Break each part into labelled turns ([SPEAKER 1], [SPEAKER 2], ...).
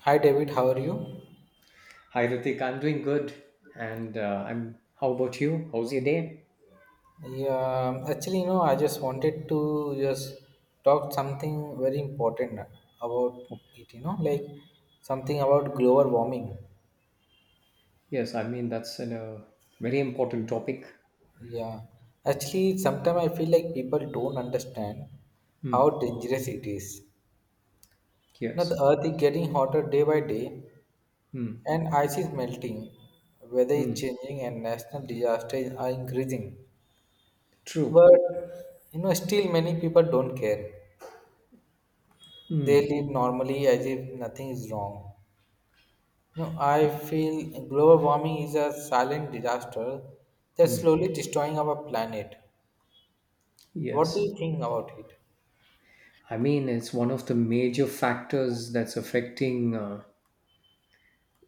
[SPEAKER 1] Hi David, how are you?
[SPEAKER 2] Hi Ritik, I'm doing good, and I'm. How about you? How's your day?
[SPEAKER 1] Yeah, actually, I just wanted to just talk something very important about it, like something about global warming.
[SPEAKER 2] Yes, I mean that's a very important topic.
[SPEAKER 1] Yeah, actually, sometimes I feel like people don't understand how
[SPEAKER 2] Hmm.
[SPEAKER 1] dangerous it is. Now, the
[SPEAKER 2] Yes.
[SPEAKER 1] Earth is getting hotter day by day,
[SPEAKER 2] Hmm.
[SPEAKER 1] and ice is melting, weather is
[SPEAKER 2] Hmm.
[SPEAKER 1] changing, and national disasters are increasing.
[SPEAKER 2] True.
[SPEAKER 1] But, still many people don't care.
[SPEAKER 2] Hmm.
[SPEAKER 1] They live normally as if nothing is wrong. I feel global warming is a silent disaster that's
[SPEAKER 2] Hmm.
[SPEAKER 1] slowly destroying our planet. What do you
[SPEAKER 2] Yes.
[SPEAKER 1] think about it?
[SPEAKER 2] I mean it's one of the major factors that's affecting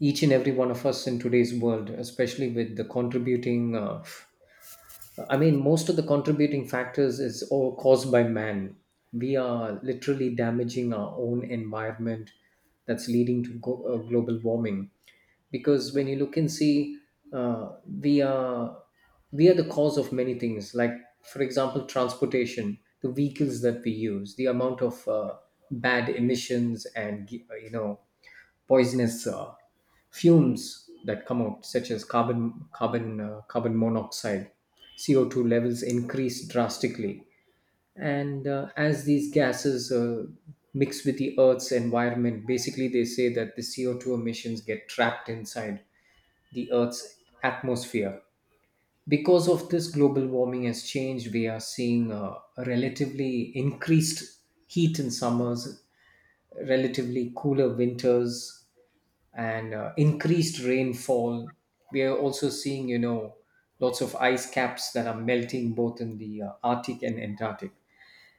[SPEAKER 2] each and every one of us in today's world, especially with the contributing I mean, most of the contributing factors is all caused by man. We are literally damaging our own environment that's leading to global warming. Because when you look and see, uh, we are we are the cause of many things. Like, for example, transportation, the vehicles that we use, the amount of bad emissions, and you know poisonous fumes that come out, such as carbon monoxide. CO two levels increase drastically. And as these gases mix with the Earth's environment, basically they say that the CO two emissions get trapped inside the Earth's atmosphere. Because of this, global warming has changed. We are seeing a relatively increased heat in summers, relatively cooler winters, and increased rainfall. We are also seeing, you know, lots of ice caps that are melting both in the Arctic and Antarctic.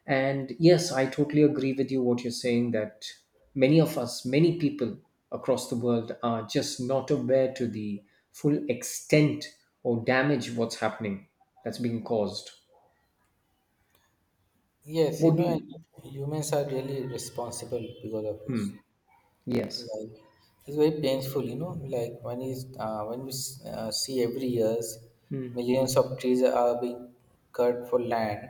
[SPEAKER 2] And yes, I totally agree with you what you're saying that many of us, many people across the world are just not aware to the full extent or damage what's happening that's being caused.
[SPEAKER 1] Yes,
[SPEAKER 2] What do
[SPEAKER 1] and
[SPEAKER 2] you?
[SPEAKER 1] humans are really responsible because of this.
[SPEAKER 2] Hmm. Yes.
[SPEAKER 1] Like, it's very painful. Like when we see every years,
[SPEAKER 2] Hmm.
[SPEAKER 1] millions of trees are being cut for land,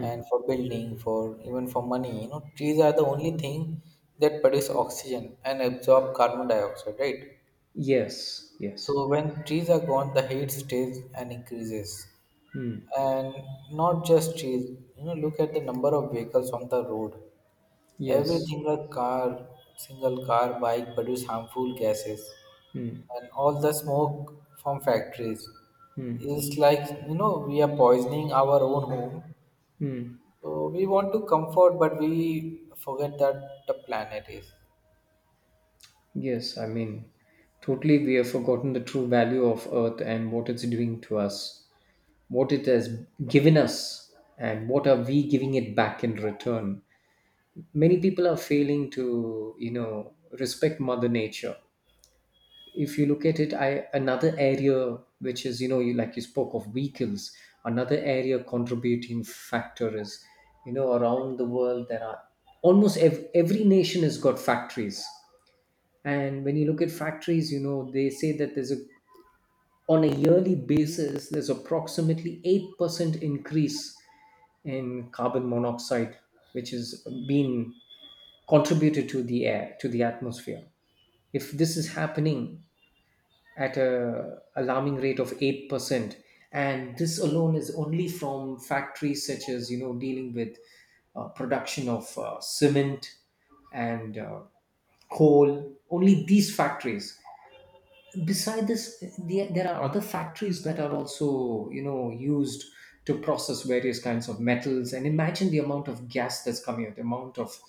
[SPEAKER 1] and for building, for even for money. Trees are the only thing that produce oxygen and absorb carbon dioxide, right?
[SPEAKER 2] Yes. Yes.
[SPEAKER 1] So when trees are gone, the heat stays and increases.
[SPEAKER 2] Hmm.
[SPEAKER 1] And not just trees. Look at the number of vehicles on the road. Every
[SPEAKER 2] Yes.
[SPEAKER 1] single car, bike produce harmful gases,
[SPEAKER 2] Hmm.
[SPEAKER 1] and all the smoke from factories
[SPEAKER 2] Hmm.
[SPEAKER 1] is like, we are poisoning our own home,
[SPEAKER 2] Hmm.
[SPEAKER 1] so we want to comfort, but we forget that the planet is.
[SPEAKER 2] Yes. I mean, totally, we have forgotten the true value of Earth and what it's doing to us, what it has given us, and what are we giving it back in return. Many people are failing to, you know, respect Mother Nature. If you look at it, I another area which is, you know, you, like you spoke of vehicles, another area contributing factor is, you know, around the world there are every nation has got factories. And when you look at factories, you know, they say that there's a on a yearly basis, there's approximately 8% increase in carbon monoxide, which has been contributed to the air, to the atmosphere. If this is happening at a alarming rate of 8%, and this alone is only from factories such as, you know, dealing with production of cement and coal, only these factories. Beside this there are other factories that are also you know used to process various kinds of metals, and imagine the amount of gas that's coming out, the amount of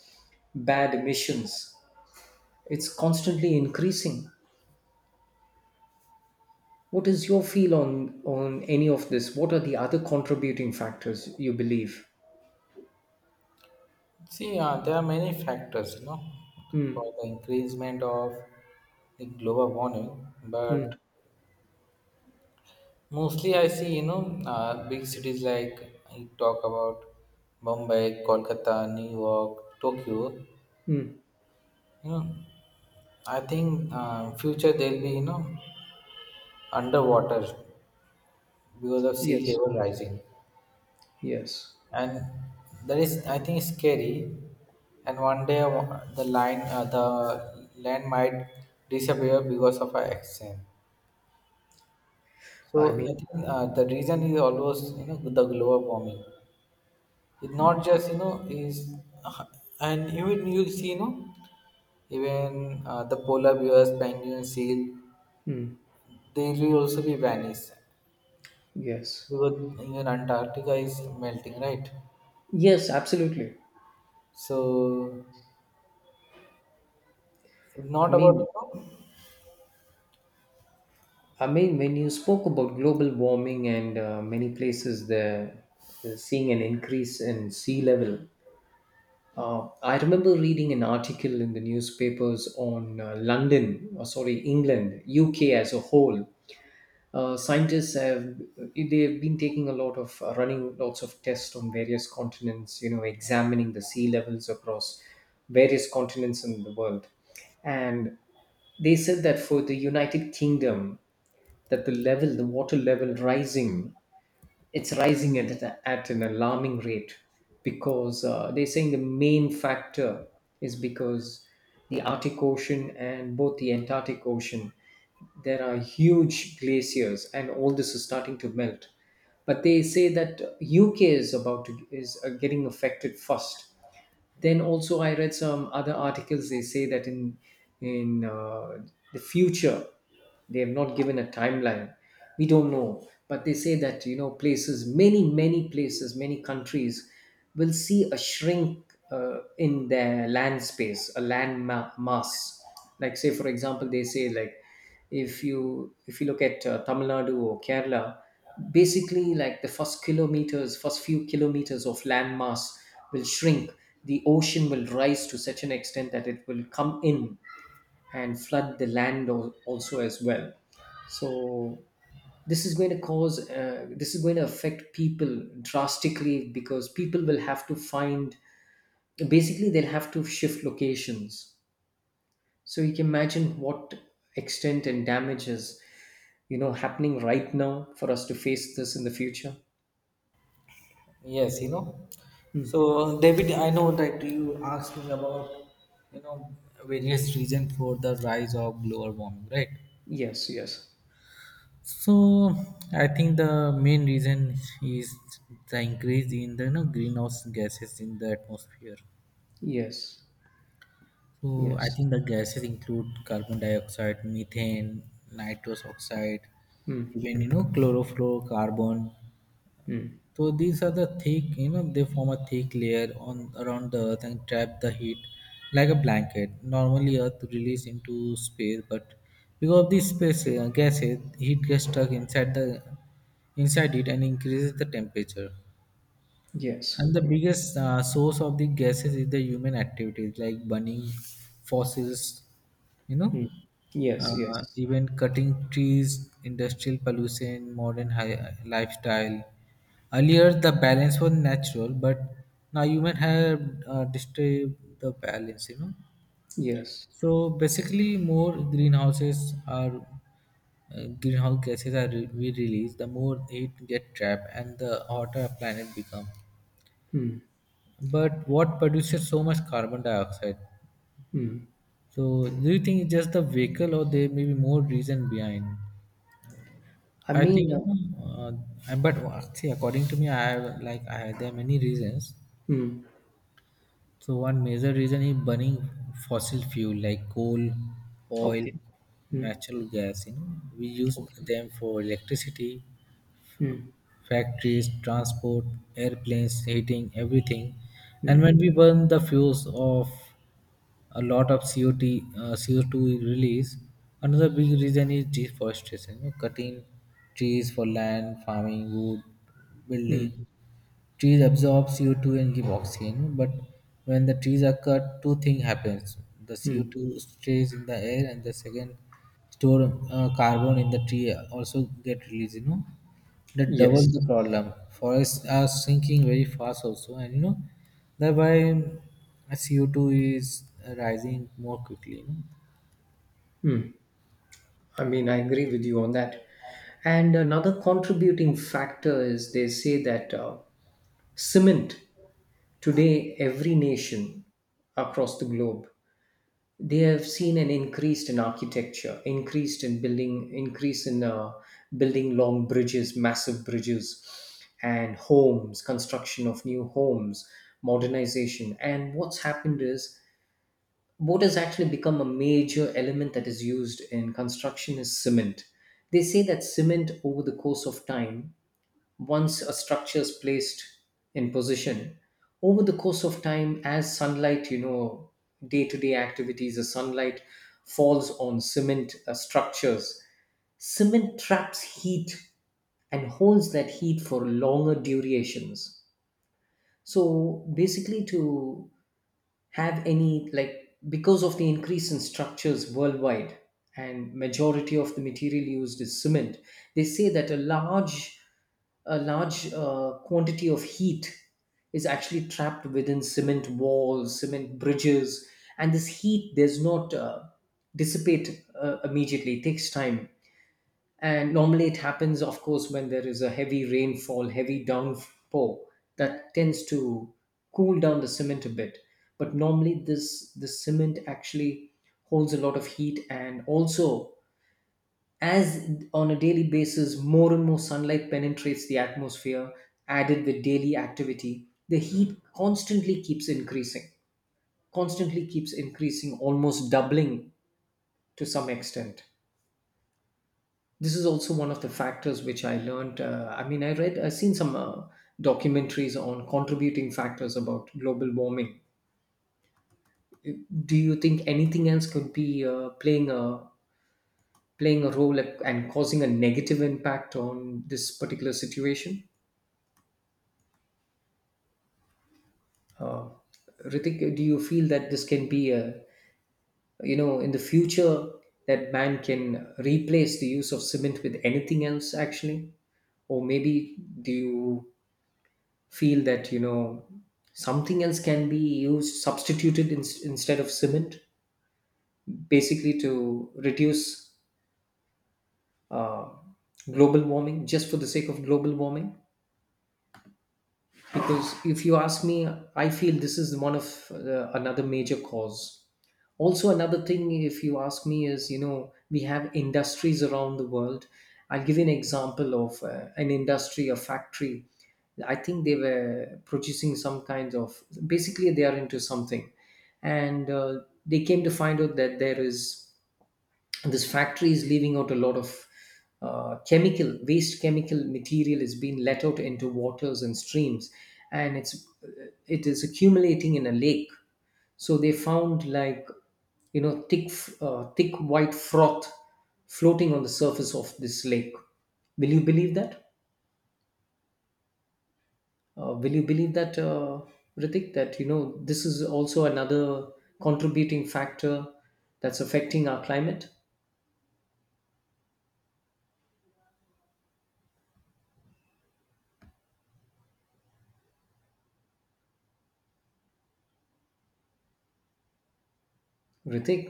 [SPEAKER 2] bad emissions. It's constantly increasing. What is your feel on any of this? What are the other contributing factors you believe?
[SPEAKER 1] See, there are many factors, for
[SPEAKER 2] Hmm.
[SPEAKER 1] the increasement of the global warming.
[SPEAKER 2] Hmm.
[SPEAKER 1] But mostly, I see, big cities like you talk about Bombay, Kolkata, New York, Tokyo.
[SPEAKER 2] Hmm.
[SPEAKER 1] You know, I think future they'll be, underwater because of sea
[SPEAKER 2] Yes,
[SPEAKER 1] level rising.
[SPEAKER 2] yes.
[SPEAKER 1] And that is, I think, scary. And one day the land might disappear because of our action. So
[SPEAKER 2] I mean,
[SPEAKER 1] I think the reason is always the global warming. It's not just, is, uh, and even the polar bears, penguins, seal, they will also be vanished
[SPEAKER 2] yes,
[SPEAKER 1] because even Antarctica is melting, right?
[SPEAKER 2] yes, absolutely.
[SPEAKER 1] So it's
[SPEAKER 2] i
[SPEAKER 1] not about,
[SPEAKER 2] mean I mean, when you spoke about global warming and many places they're seeing an increase in sea level, I remember reading an article in the newspapers on London, or sorry, England, UK as a whole. Scientists have they have been taking a lot of running lots of tests on various continents. You know, examining the sea levels across various continents in the world, and they said that for the United Kingdom that the level, the water level rising, it's rising at an alarming rate, because they're saying the main factor is because the Arctic Ocean and both the Antarctic Ocean, there are huge glaciers and all this is starting to melt. But they say that UK is about to is getting affected first. Then also I read some other articles. They say that in the future, they have not given a timeline, we don't know, but they say that you know places, many places, many countries will see a shrink in their land space, a mass. Like say for example they say like if you look at Tamil Nadu or Kerala, basically like the first few kilometers of land mass will shrink. The ocean will rise to such an extent that it will come in and flood the land, also as well. So this is going to affect people drastically, because people will have to find, basically they'll have to shift locations. So you can imagine what extent and damage is you know happening right now for us to face this in the future.
[SPEAKER 1] Yes.
[SPEAKER 2] Hmm.
[SPEAKER 1] So, David, I know that you asked me about, you know, various reasons for the rise of global warming, right?
[SPEAKER 2] Yes, yes.
[SPEAKER 1] So, I think the main reason is the increase in the, greenhouse gases in the atmosphere.
[SPEAKER 2] Yes,
[SPEAKER 1] So, I
[SPEAKER 2] yes.
[SPEAKER 1] think the gases include carbon dioxide, methane, nitrous oxide,
[SPEAKER 2] Hmm.
[SPEAKER 1] even chlorofluorocarbon.
[SPEAKER 2] Hmm.
[SPEAKER 1] So these are the thick, they form a thick layer on around the Earth and trap the heat like a blanket. Normally, Earth release into space, but because of these space gases, heat gets stuck inside the inside it and increases the temperature.
[SPEAKER 2] Yes.
[SPEAKER 1] And the biggest source of the gases is the human activities like burning fossils, you know,
[SPEAKER 2] Hmm. Yes, yes,
[SPEAKER 1] even cutting trees, industrial pollution, modern lifestyle. Earlier, the balance was natural, but now human have disturbed the balance.
[SPEAKER 2] yes.
[SPEAKER 1] So basically, more greenhouse gases are, we release, the more heat get trapped, and the hotter planet become.
[SPEAKER 2] Hmm.
[SPEAKER 1] But what produces so much carbon dioxide?
[SPEAKER 2] Hmm.
[SPEAKER 1] So do you think it's just the vehicle, or there may be more reason behind?
[SPEAKER 2] I
[SPEAKER 1] I think,
[SPEAKER 2] mean,
[SPEAKER 1] uh, and- but see, according to me, I have like I there are many reasons.
[SPEAKER 2] hmm.
[SPEAKER 1] So one major reason is burning fossil fuel like coal, oil,
[SPEAKER 2] Okay. Hmm.
[SPEAKER 1] natural gas. We use
[SPEAKER 2] Okay.
[SPEAKER 1] them for electricity,
[SPEAKER 2] Hmm.
[SPEAKER 1] factories, transport, airplanes, heating, everything. And when we burn the fuels of a lot of CO2 is released. Another big reason is deforestation, cutting trees for land, farming, wood,
[SPEAKER 2] Hmm.
[SPEAKER 1] building. Trees absorb CO2 and give oxygen, but when the trees are cut, two things happens. The
[SPEAKER 2] Hmm.
[SPEAKER 1] CO2 stays in the air, and the second store, carbon in the tree also get released. That doubles
[SPEAKER 2] Yes.
[SPEAKER 1] the problem. Forests are sinking very fast also, and, thereby CO2 is rising more quickly. You know?
[SPEAKER 2] Hmm. I mean, I agree with you on that. And another contributing factor is they say that cement. Today, every nation across the globe, they have seen an increase in architecture, increased in building, increase in building long bridges, massive bridges, and homes, construction of new homes, modernization. And what's happened is what has actually become a major element that is used in construction is cement. They say that cement over the course of time, once a structure is placed in position, over the course of time, as sunlight, you know, day-to-day activities, the sunlight falls on cement structures, cement traps heat and holds that heat for longer durations. So basically to have any like because of the increase in structures worldwide, and majority of the material used is cement, they say that a large quantity of heat is actually trapped within cement walls, cement bridges, and this heat does not dissipate immediately, it takes time. And normally it happens, of course, when there is a heavy rainfall, heavy downpour, that tends to cool down the cement a bit. But normally this the cement actually holds a lot of heat, and also as on a daily basis more and more sunlight penetrates the atmosphere, added with daily activity, the heat constantly keeps increasing, constantly keeps increasing, almost doubling, to some extent. This is also one of the factors which I learned. I mean I read, I've seen some documentaries on contributing factors about global warming. Do you think anything else could be playing a role and causing a negative impact on this particular situation? uh, Ritik, do you feel that this can be a, you know, in the future, that man can replace the use of cement with anything else actually? Or maybe do you feel that, you know, something else can be used substituted in, instead of cement, basically to reduce uh, global warming, just for the sake of global warming? Because if you ask me, I feel this is one of another major cause. Also another thing if you ask me is, you know, we have industries around the world. I'll give you an example of an industry, a factory. I think they were producing some kinds of, basically they are into something, and they came to find out that there is this factory is leaving out a lot of chemical waste, chemical material is being let out into waters and streams, and it is accumulating in a lake. So they found like, you know, thick white froth floating on the surface of this lake. Will you believe that uh, will you believe that uh, Ritik, that you know this is also another contributing factor that's affecting our climate, Ritik?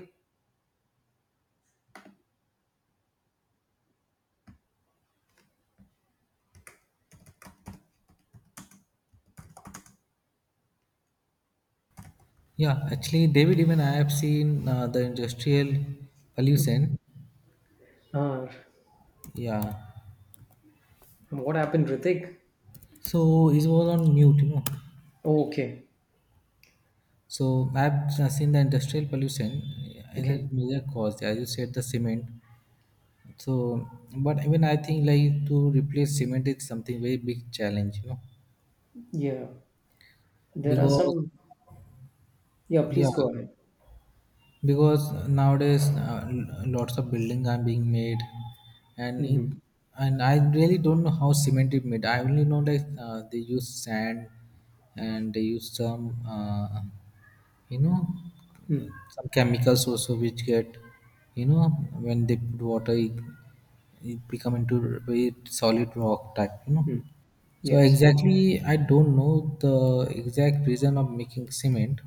[SPEAKER 1] Yeah, actually, David, even I have seen the industrial pollution.
[SPEAKER 2] uh,
[SPEAKER 1] Yeah,
[SPEAKER 2] What happened, Ritik?
[SPEAKER 1] so it was on mute.
[SPEAKER 2] Oh, okay.
[SPEAKER 1] So I've seen the industrial pollution as a
[SPEAKER 2] Okay.
[SPEAKER 1] major cause, as you said, the cement. So, but even I think like to replace cement is something very big challenge,
[SPEAKER 2] Yeah. There are
[SPEAKER 1] because,
[SPEAKER 2] some. Yeah,
[SPEAKER 1] yeah,
[SPEAKER 2] please go ahead.
[SPEAKER 1] because nowadays lots of buildings are being made, and it
[SPEAKER 2] Mm-hmm.
[SPEAKER 1] and I really don't know how cement is made. I only know that they use sand, and they use some you know
[SPEAKER 2] Mm.
[SPEAKER 1] some chemicals also, which get you know when they put water it, it become into very solid rock type.
[SPEAKER 2] Mm.
[SPEAKER 1] So
[SPEAKER 2] Yes.
[SPEAKER 1] exactly I don't know the exact reason of making cement.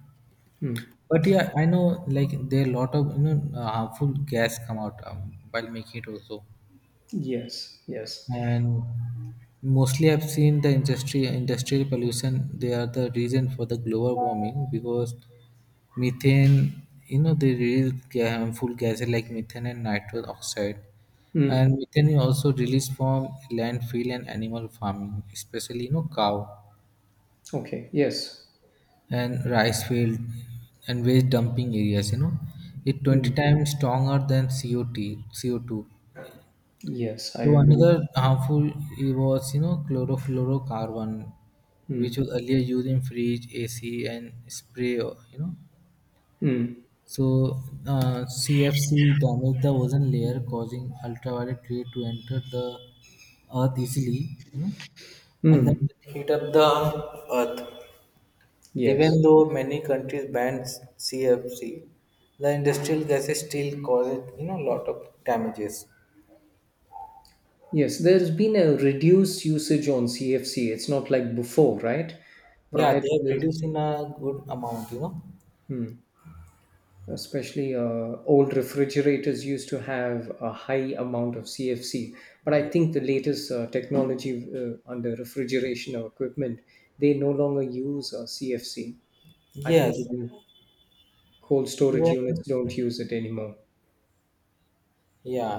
[SPEAKER 2] Mm.
[SPEAKER 1] But, yeah, I know like there are lot of harmful gas come out while making it also,
[SPEAKER 2] Yes. Yes.
[SPEAKER 1] and mostly I've seen the industry industrial pollution. They are the reason for the global warming because methane. You know, they release harmful gases like methane and nitrous oxide,
[SPEAKER 2] Mm.
[SPEAKER 1] and methane is also released from landfill and animal farming, especially, cow.
[SPEAKER 2] Okay. Yes.
[SPEAKER 1] And rice field and waste dumping areas, it 20
[SPEAKER 2] Mm.
[SPEAKER 1] times stronger than cot CO2.
[SPEAKER 2] Yes. I
[SPEAKER 1] So
[SPEAKER 2] agree.
[SPEAKER 1] another harmful, it was, chlorofluorocarbon, which
[SPEAKER 2] Mm.
[SPEAKER 1] was earlier used in fridge ac and spray.
[SPEAKER 2] Mm.
[SPEAKER 1] So cfc damaged the ozone layer, causing ultraviolet ray to enter the earth easily you know and then
[SPEAKER 2] Mm.
[SPEAKER 1] heat up the earth.
[SPEAKER 2] Yes.
[SPEAKER 1] Even though many countries banned CFC, the industrial gases still causes, a lot of damages.
[SPEAKER 2] Yes. There's been a reduced usage on CFC. It's not like before, right?
[SPEAKER 1] Yeah,
[SPEAKER 2] Prior
[SPEAKER 1] they
[SPEAKER 2] to
[SPEAKER 1] have
[SPEAKER 2] this,
[SPEAKER 1] reduced in a good amount.
[SPEAKER 2] especially old refrigerators used to have a high amount of CFC. But I think the latest technology under refrigeration or equipment, they no longer use CFC. I think
[SPEAKER 1] Yes.
[SPEAKER 2] even cold storage units
[SPEAKER 1] Even,
[SPEAKER 2] don't use it anymore.
[SPEAKER 1] yeah,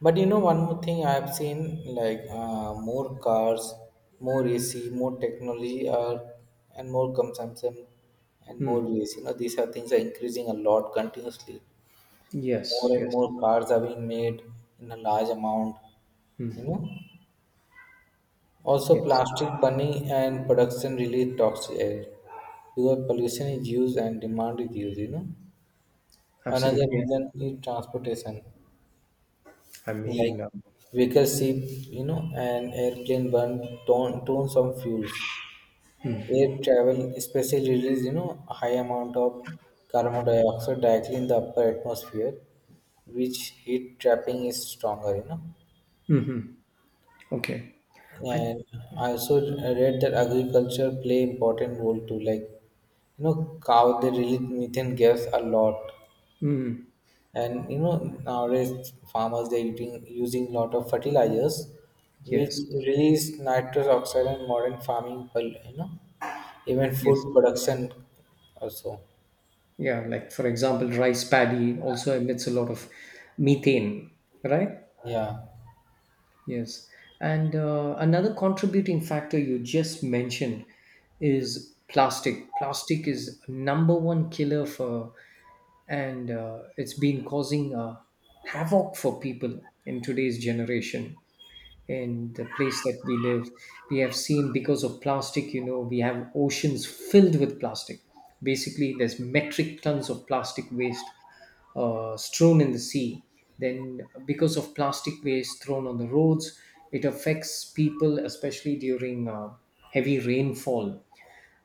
[SPEAKER 1] but one more thing I have seen, like more cars, more AC, more technology, and more consumption, and
[SPEAKER 2] Hmm.
[SPEAKER 1] more waste. These are things are increasing a lot continuously. More
[SPEAKER 2] Yes,
[SPEAKER 1] and
[SPEAKER 2] yes,
[SPEAKER 1] more cars are being made in a large amount. You know. Also,
[SPEAKER 2] yes,
[SPEAKER 1] plastic burning and production release toxic air because pollution is used and demand is used. Another
[SPEAKER 2] absolutely.
[SPEAKER 1] reason is transportation,
[SPEAKER 2] I
[SPEAKER 1] like
[SPEAKER 2] mean,
[SPEAKER 1] vehicles, ship, and airplane burn tons of fuels. Air travel, especially release, a high amount of carbon dioxide directly in the upper atmosphere, which heat trapping is stronger.
[SPEAKER 2] mhm. Okay. I
[SPEAKER 1] And I also read that agriculture play important role too. Like, cow they release methane gas a lot,
[SPEAKER 2] Mm,
[SPEAKER 1] and nowadays farmers they're using lot of fertilizers, which
[SPEAKER 2] yes,
[SPEAKER 1] release nitrous oxide and modern farming. Even
[SPEAKER 2] yes,
[SPEAKER 1] food production also.
[SPEAKER 2] yeah. Like for example, rice paddy also emits a lot of methane, right?
[SPEAKER 1] Yeah.
[SPEAKER 2] Yes. And another contributing factor you just mentioned is plastic. Plastic is number one killer for, and it's been causing havoc for people in today's generation. In the place that we live, we have seen because of plastic, you know, we have oceans filled with plastic. Basically, there's metric tons of plastic waste strewn in the sea. Then, because of plastic waste thrown on the roads, it affects people, especially during heavy rainfall.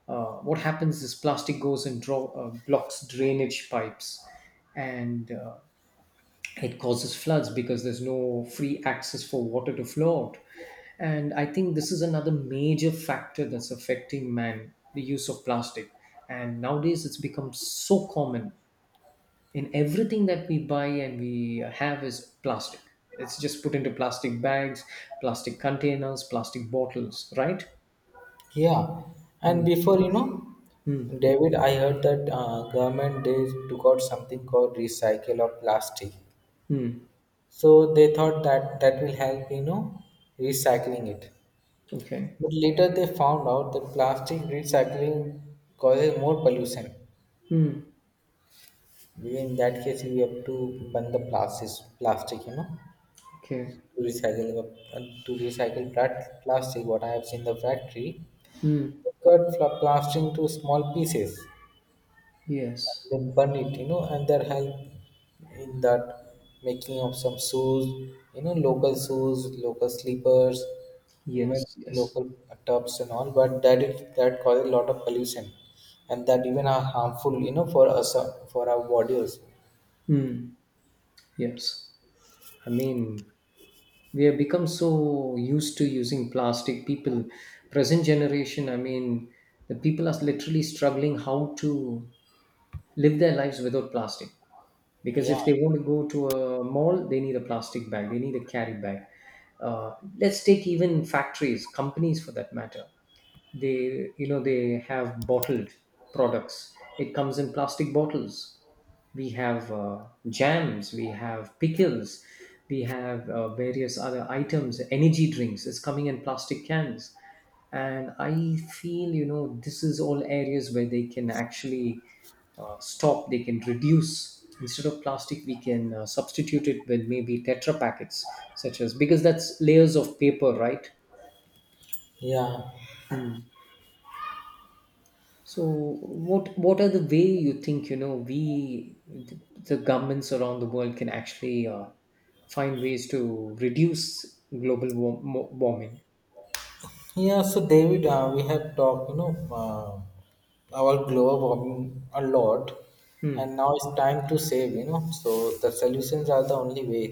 [SPEAKER 2] What happens is plastic goes and blocks drainage pipes, and it causes floods because there's no free access for water to flow out. And I think this is another major factor that's affecting man, the use of plastic. And nowadays it's become so common in everything that we buy and we have is plastic. It's just put into plastic bags, plastic containers, plastic bottles, right?
[SPEAKER 1] Yeah, and
[SPEAKER 2] Hmm.
[SPEAKER 1] before,
[SPEAKER 2] Hmm.
[SPEAKER 1] David, I heard that government they took out something called recycle of plastic.
[SPEAKER 2] Hmm.
[SPEAKER 1] So they thought that will help, recycling it.
[SPEAKER 2] Okay.
[SPEAKER 1] But later they found out that plastic recycling causes more pollution.
[SPEAKER 2] Hmm.
[SPEAKER 1] In that case, we have to burn the plastic,
[SPEAKER 2] Okay.
[SPEAKER 1] to recycle that plastic. What I have seen the factory,
[SPEAKER 2] Hmm.
[SPEAKER 1] they cut plastic into small pieces,
[SPEAKER 2] Yes,
[SPEAKER 1] they burn it, and their help in that making of some shoes, local shoes, local slippers, even
[SPEAKER 2] yes, yes.
[SPEAKER 1] local tubs and all, but that causes a lot of pollution, and that even are harmful, for our body also.
[SPEAKER 2] Hmm. Yes. I mean, we have become so used to using plastic. People, present generation, I mean, the people are literally struggling how to live their lives without plastic, because
[SPEAKER 1] Yeah,
[SPEAKER 2] if they want to go to a mall they need a plastic bag, they need a carry bag. Let's take even factories, companies for that matter, they you know they have bottled products. It comes in plastic bottles. We have jams, we have pickles, we have various other items. Energy drinks is coming in plastic cans. And I feel, you know, this is all areas where they can actually stop, they can reduce. Instead of plastic we can substitute it with maybe tetra packets such as, because that's layers of paper, right?
[SPEAKER 1] yeah,
[SPEAKER 2] Hmm. So, what are the way you think, you know, we, the governments around the world can actually find ways to reduce warming?
[SPEAKER 1] yeah, so David, we have talked, uh, our global warming a lot, and
[SPEAKER 2] Hmm.
[SPEAKER 1] now it's time to save, so the solutions are the only way.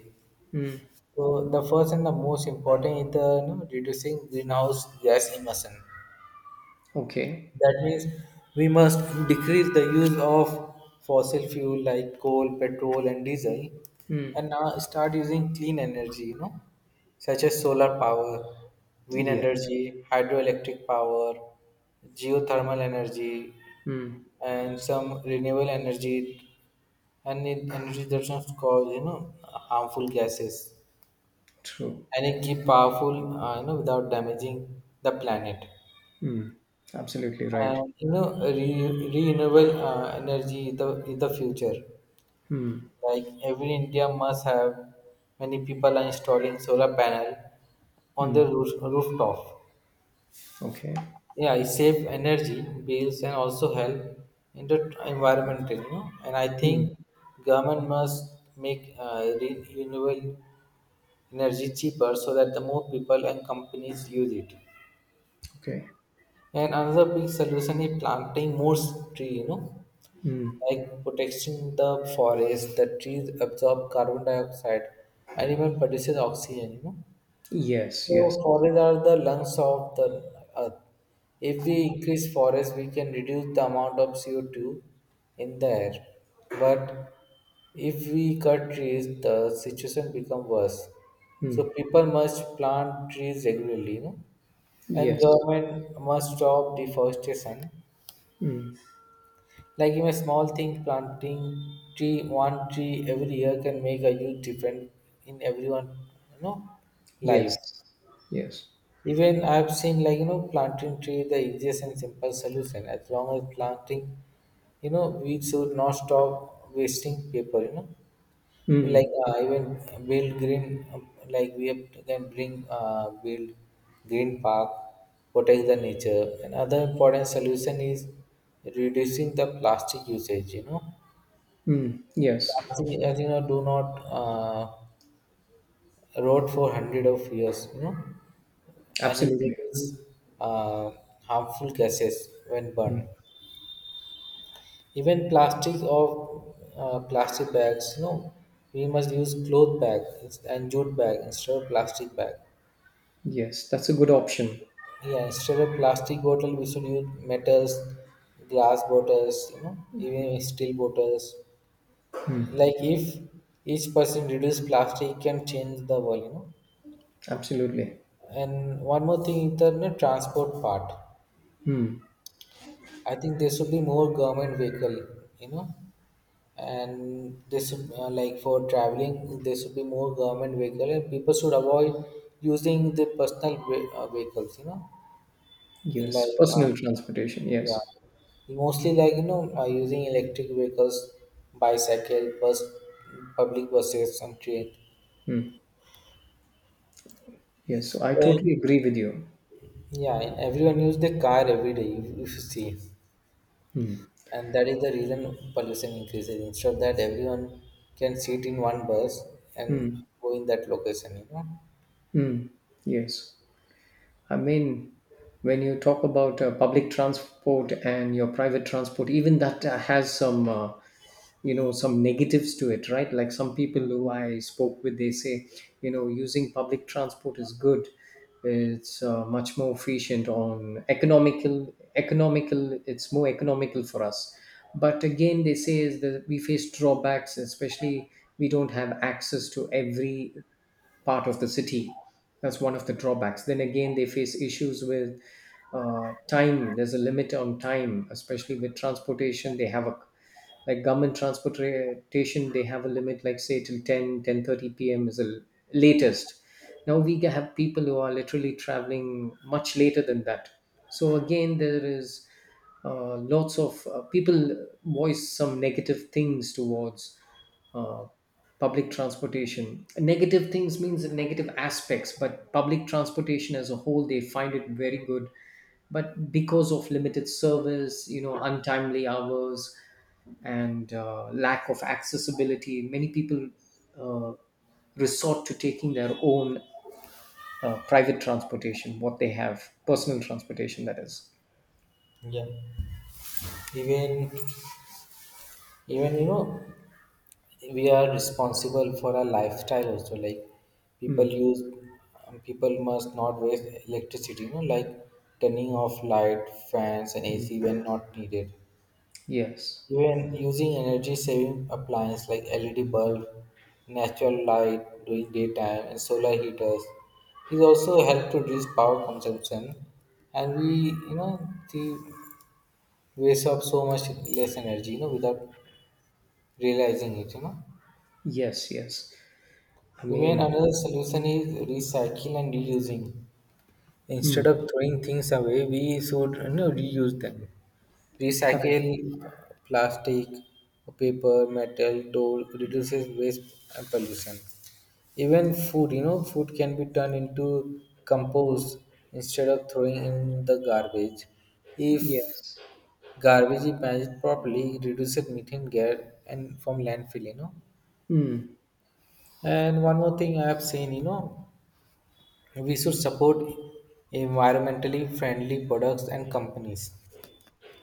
[SPEAKER 2] Hmm.
[SPEAKER 1] So the first and the most important is the, reducing greenhouse gas emission.
[SPEAKER 2] Okay.
[SPEAKER 1] That means we must decrease the use of fossil fuel like coal, petrol, and diesel,
[SPEAKER 2] Hmm.
[SPEAKER 1] and now start using clean energy. Such as solar power, wind
[SPEAKER 2] Yes.
[SPEAKER 1] energy, hydroelectric power, geothermal energy,
[SPEAKER 2] Hmm.
[SPEAKER 1] and some renewable energy, and energy that does not cause, harmful gases,
[SPEAKER 2] True.
[SPEAKER 1] and it keep powerful, without damaging the planet.
[SPEAKER 2] Hmm. Absolutely right.
[SPEAKER 1] And renewable energy is the future.
[SPEAKER 2] Hmm.
[SPEAKER 1] Like every India must have many people are installing solar panel on
[SPEAKER 2] Hmm.
[SPEAKER 1] their rooftop.
[SPEAKER 2] Okay.
[SPEAKER 1] Yeah, it save energy bills and also help in the environment, and I
[SPEAKER 2] Hmm.
[SPEAKER 1] think government must make renewable energy cheaper so that the more people and companies use it.
[SPEAKER 2] Okay.
[SPEAKER 1] And another big solution is planting more tree,
[SPEAKER 2] Hmm.
[SPEAKER 1] like protecting the forest. The trees absorb carbon dioxide and even produces oxygen.
[SPEAKER 2] Yes.
[SPEAKER 1] So
[SPEAKER 2] Yes.
[SPEAKER 1] forests are the lungs of the earth. If we increase forests, we can reduce the amount of CO2 in the air. But if we cut trees, the situation becomes worse.
[SPEAKER 2] Hmm.
[SPEAKER 1] So people must plant trees regularly. And
[SPEAKER 2] Yes.
[SPEAKER 1] government must stop deforestation.
[SPEAKER 2] Hmm.
[SPEAKER 1] Like in a small thing, planting tree one tree every year can make a huge difference in everyone, you know, life.
[SPEAKER 2] Yes. Yes.
[SPEAKER 1] Even I've seen, like, you know, planting tree the easiest and simple solution as long as planting, you know, we should not stop wasting paper, you know, like,
[SPEAKER 2] Hmm.
[SPEAKER 1] even build green, like we have to then bring, build green park, protect the nature. And other important solution is reducing the plastic usage, you know.
[SPEAKER 2] Hmm. Yes.
[SPEAKER 1] Plastic, as you know, do not, wrote for hundred of years, you know, and it
[SPEAKER 2] Absolutely.
[SPEAKER 1] releases, uh, harmful gases when burned.
[SPEAKER 2] Hmm.
[SPEAKER 1] Even plastic or plastic bags, you know, we must use cloth bag and jute bag instead of plastic bag.
[SPEAKER 2] Yes, that's a good option.
[SPEAKER 1] Yeah, instead of plastic bottle, we should use metals, glass bottles, you know, even steel bottles.
[SPEAKER 2] Mm,
[SPEAKER 1] Like if each person reduce plastic, can change the world, you know.
[SPEAKER 2] absolutely.
[SPEAKER 1] And one more thing is the, you know, transport part.
[SPEAKER 2] Mm,
[SPEAKER 1] I think there should be more government vehicle, you know, and there should, like, for traveling there should be more government vehicle, and people should avoid using the personal vehicles, you know,
[SPEAKER 2] yes,
[SPEAKER 1] like,
[SPEAKER 2] personal transportation.
[SPEAKER 1] yeah,
[SPEAKER 2] Yes.
[SPEAKER 1] mostly, like, you know, using electric vehicles, bicycle, bus, public buses, and train.
[SPEAKER 2] Mm, yes. So I totally
[SPEAKER 1] And
[SPEAKER 2] agree with you.
[SPEAKER 1] yeah, and everyone use the car every day, if you see, and that is the reason pollution increases. Instead of that, everyone can sit in one bus and
[SPEAKER 2] Mm,
[SPEAKER 1] go in that location, you know.
[SPEAKER 2] mm, yes. i mean when you talk about public transport and your private transport, even that has some, you know, some negatives to it, right? Like some people who I spoke with, they say, you know, using public transport is good. It's much more efficient on economical. It's more economical for us. But again, they say is that we face drawbacks, especially we don't have access to every part of the city. That's one of the drawbacks. Then again, they face issues with time. There's a limit on time, especially with transportation. They have a like government transportation. They have a limit, like say till 10, 10:30 p.m. is the latest. Now have people who are literally traveling much later than that. So again, there is lots of people voice some negative things towards uh, public transportation. Negative things means negative aspects, but public transportation as a whole, they find it very good. But because of limited service, you know, untimely hours, and lack of accessibility, many people uh, resort to taking their own private transportation, what they have, personal transportation, that is.
[SPEAKER 1] Yeah. even even, you know, we are responsible for our lifestyle also. Like, people
[SPEAKER 2] Mm,
[SPEAKER 1] use, people must not waste electricity, you know, like turning off light, fans and
[SPEAKER 2] mm.
[SPEAKER 1] AC when not needed.
[SPEAKER 2] Yes,
[SPEAKER 1] Even using energy saving appliances like LED bulb, natural light during daytime, and solar heaters is also help to reduce power consumption. And we, you know, the waste of so much less energy, you know, without realizing it, you know.
[SPEAKER 2] yes, yes. I
[SPEAKER 1] Even
[SPEAKER 2] mean,
[SPEAKER 1] another solution is recycle and reusing.
[SPEAKER 2] mm,
[SPEAKER 1] Instead of throwing things away, we should, you know, reuse them.
[SPEAKER 2] correct.
[SPEAKER 1] Recycle plastic, paper, metal, tool reduces waste and pollution. Even food, you know, food can be turned into compost instead of throwing in the garbage. If
[SPEAKER 2] Yes.
[SPEAKER 1] garbage is managed properly, it reduces methane gas and from landfill, you know.
[SPEAKER 2] Mm,
[SPEAKER 1] And one more thing I have seen, you know, we should support environmentally friendly products and companies.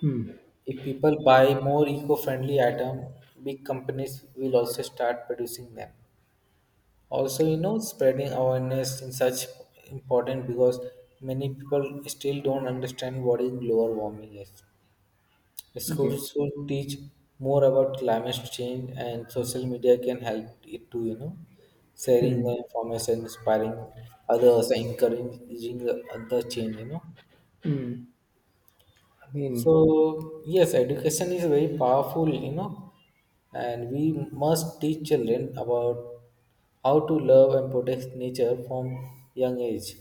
[SPEAKER 2] mm,
[SPEAKER 1] If people buy more eco-friendly items, big companies will also start producing them. Also, you know, spreading awareness in such important, because many people still don't understand what is global warming is. Schools
[SPEAKER 2] yes.
[SPEAKER 1] should teach more about climate change, and social media can help it too. You know, sharing the
[SPEAKER 2] Mm,
[SPEAKER 1] information, inspiring others, encouraging the other change, you know.
[SPEAKER 2] mm. I mean,
[SPEAKER 1] So, yes, education is very powerful, you know, and we must teach children about how to love and protect nature from young age.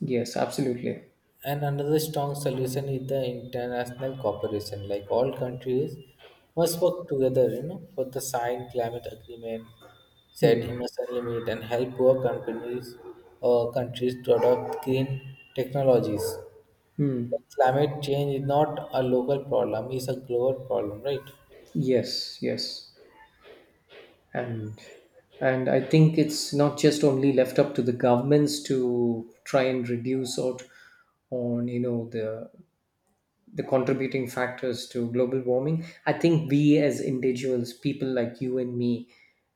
[SPEAKER 2] yes, absolutely.
[SPEAKER 1] And another strong solution is the international cooperation. Like, all countries must work together, you know, for the signed climate agreement, set
[SPEAKER 2] Mm,
[SPEAKER 1] emission limit, and help poor companies or countries to adopt green technologies.
[SPEAKER 2] mm.
[SPEAKER 1] Climate change is not a local problem, it's a global problem, right?
[SPEAKER 2] Yes, yes. And and I think it's not just only left up to the governments to try and reduce out on, you know, the contributing factors to global warming. I think we as individuals, people like you and me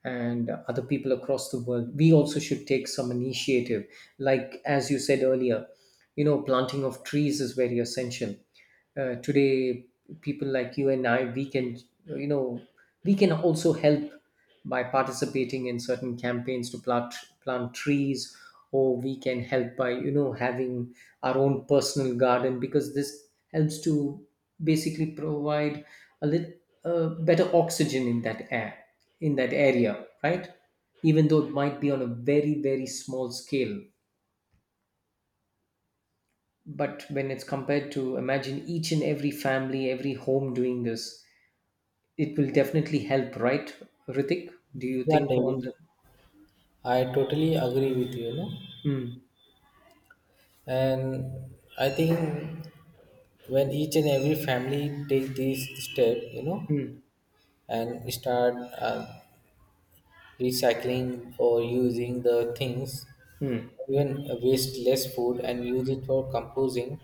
[SPEAKER 2] and other people across the world, we also should take some initiative. Like as you said earlier, you know, planting of trees is very essential. Today people like you and I, we can, you know, we can also help by participating in certain campaigns to plant trees, or we can help by, you know, having our own personal garden, because this helps to basically provide a little better oxygen in that air, in that area, right? Even though it might be on a very very small scale, but when it's compared to, imagine each and every family, every home doing this, it will definitely help, right, Ritik? Do you
[SPEAKER 1] Yeah,
[SPEAKER 2] think on the,
[SPEAKER 1] David, I totally agree with you, you know.
[SPEAKER 2] mm,
[SPEAKER 1] And I think when each and every family take this step, you know,
[SPEAKER 2] mm,
[SPEAKER 1] and start, uh, recycling or using the things,
[SPEAKER 2] mm,
[SPEAKER 1] even waste less food and use it for composing,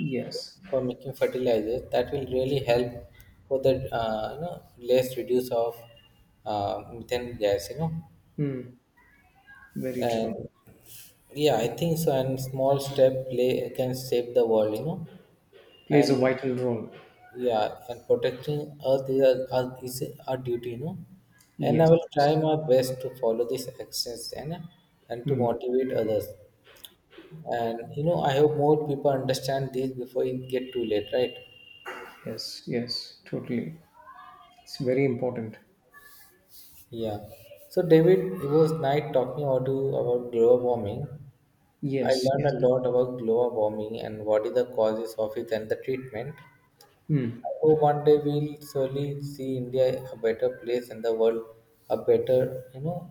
[SPEAKER 2] yes,
[SPEAKER 1] for making fertilizers, that will really help for the, you know, less reduce of, methane gas, you know.
[SPEAKER 2] mm, very
[SPEAKER 1] And
[SPEAKER 2] true,
[SPEAKER 1] yeah, I think so, and small step play can save the world, you know.
[SPEAKER 2] plays a
[SPEAKER 1] And
[SPEAKER 2] vital role,
[SPEAKER 1] yeah, and protecting earth is, a, earth is our duty, you know. And I
[SPEAKER 2] yes.
[SPEAKER 1] will try my best to follow these actions and to
[SPEAKER 2] Hmm.
[SPEAKER 1] motivate others. And, you know, I hope more people understand this before it get too late, right?
[SPEAKER 2] Yes, yes, totally. It's very important.
[SPEAKER 1] Yeah. So, David, it was nice talking about you about global warming. I
[SPEAKER 2] Yes,
[SPEAKER 1] learned
[SPEAKER 2] yes.
[SPEAKER 1] a lot about global warming and what is the causes of it and the treatment.
[SPEAKER 2] Mm,
[SPEAKER 1] I hope one day we'll surely see India a better place and the world a better, you know,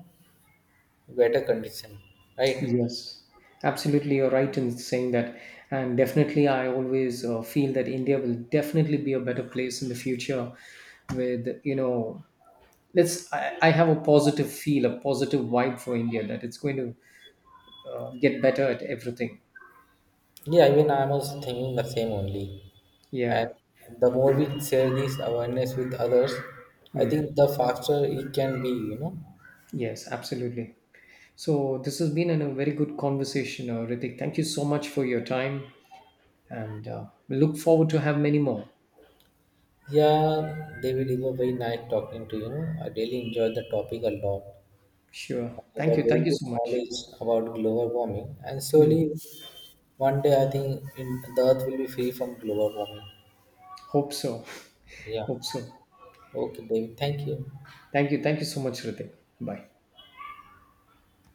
[SPEAKER 1] better condition. Right?
[SPEAKER 2] yes. Absolutely, you're right in saying that. And definitely, I always feel that India will definitely be a better place in the future with, you know, let's, I have a positive feel, a positive vibe for India that it's going to get better at everything.
[SPEAKER 1] Yeah, even I'm also thinking the same only. And
[SPEAKER 2] Yeah.
[SPEAKER 1] the more we share this awareness with others, I
[SPEAKER 2] Mm,
[SPEAKER 1] think the faster it can be, you know.
[SPEAKER 2] yes, absolutely. So this has been a very good conversation, Ritik. Thank you so much for your time, and we look forward to have many more.
[SPEAKER 1] Yeah, David, it was very nice talking to you. Know. I really enjoyed the topic a lot.
[SPEAKER 2] Sure.
[SPEAKER 1] I got
[SPEAKER 2] Thank you.
[SPEAKER 1] very
[SPEAKER 2] Thank you
[SPEAKER 1] good
[SPEAKER 2] so much.
[SPEAKER 1] knowledge about global warming, and
[SPEAKER 2] Mm.
[SPEAKER 1] slowly, one day, I think in, the Earth will be free from global warming.
[SPEAKER 2] Hope so.
[SPEAKER 1] Yeah.
[SPEAKER 2] Hope so.
[SPEAKER 1] Okay, David. Thank you.
[SPEAKER 2] Thank you. Thank you so much, Ritik. Bye.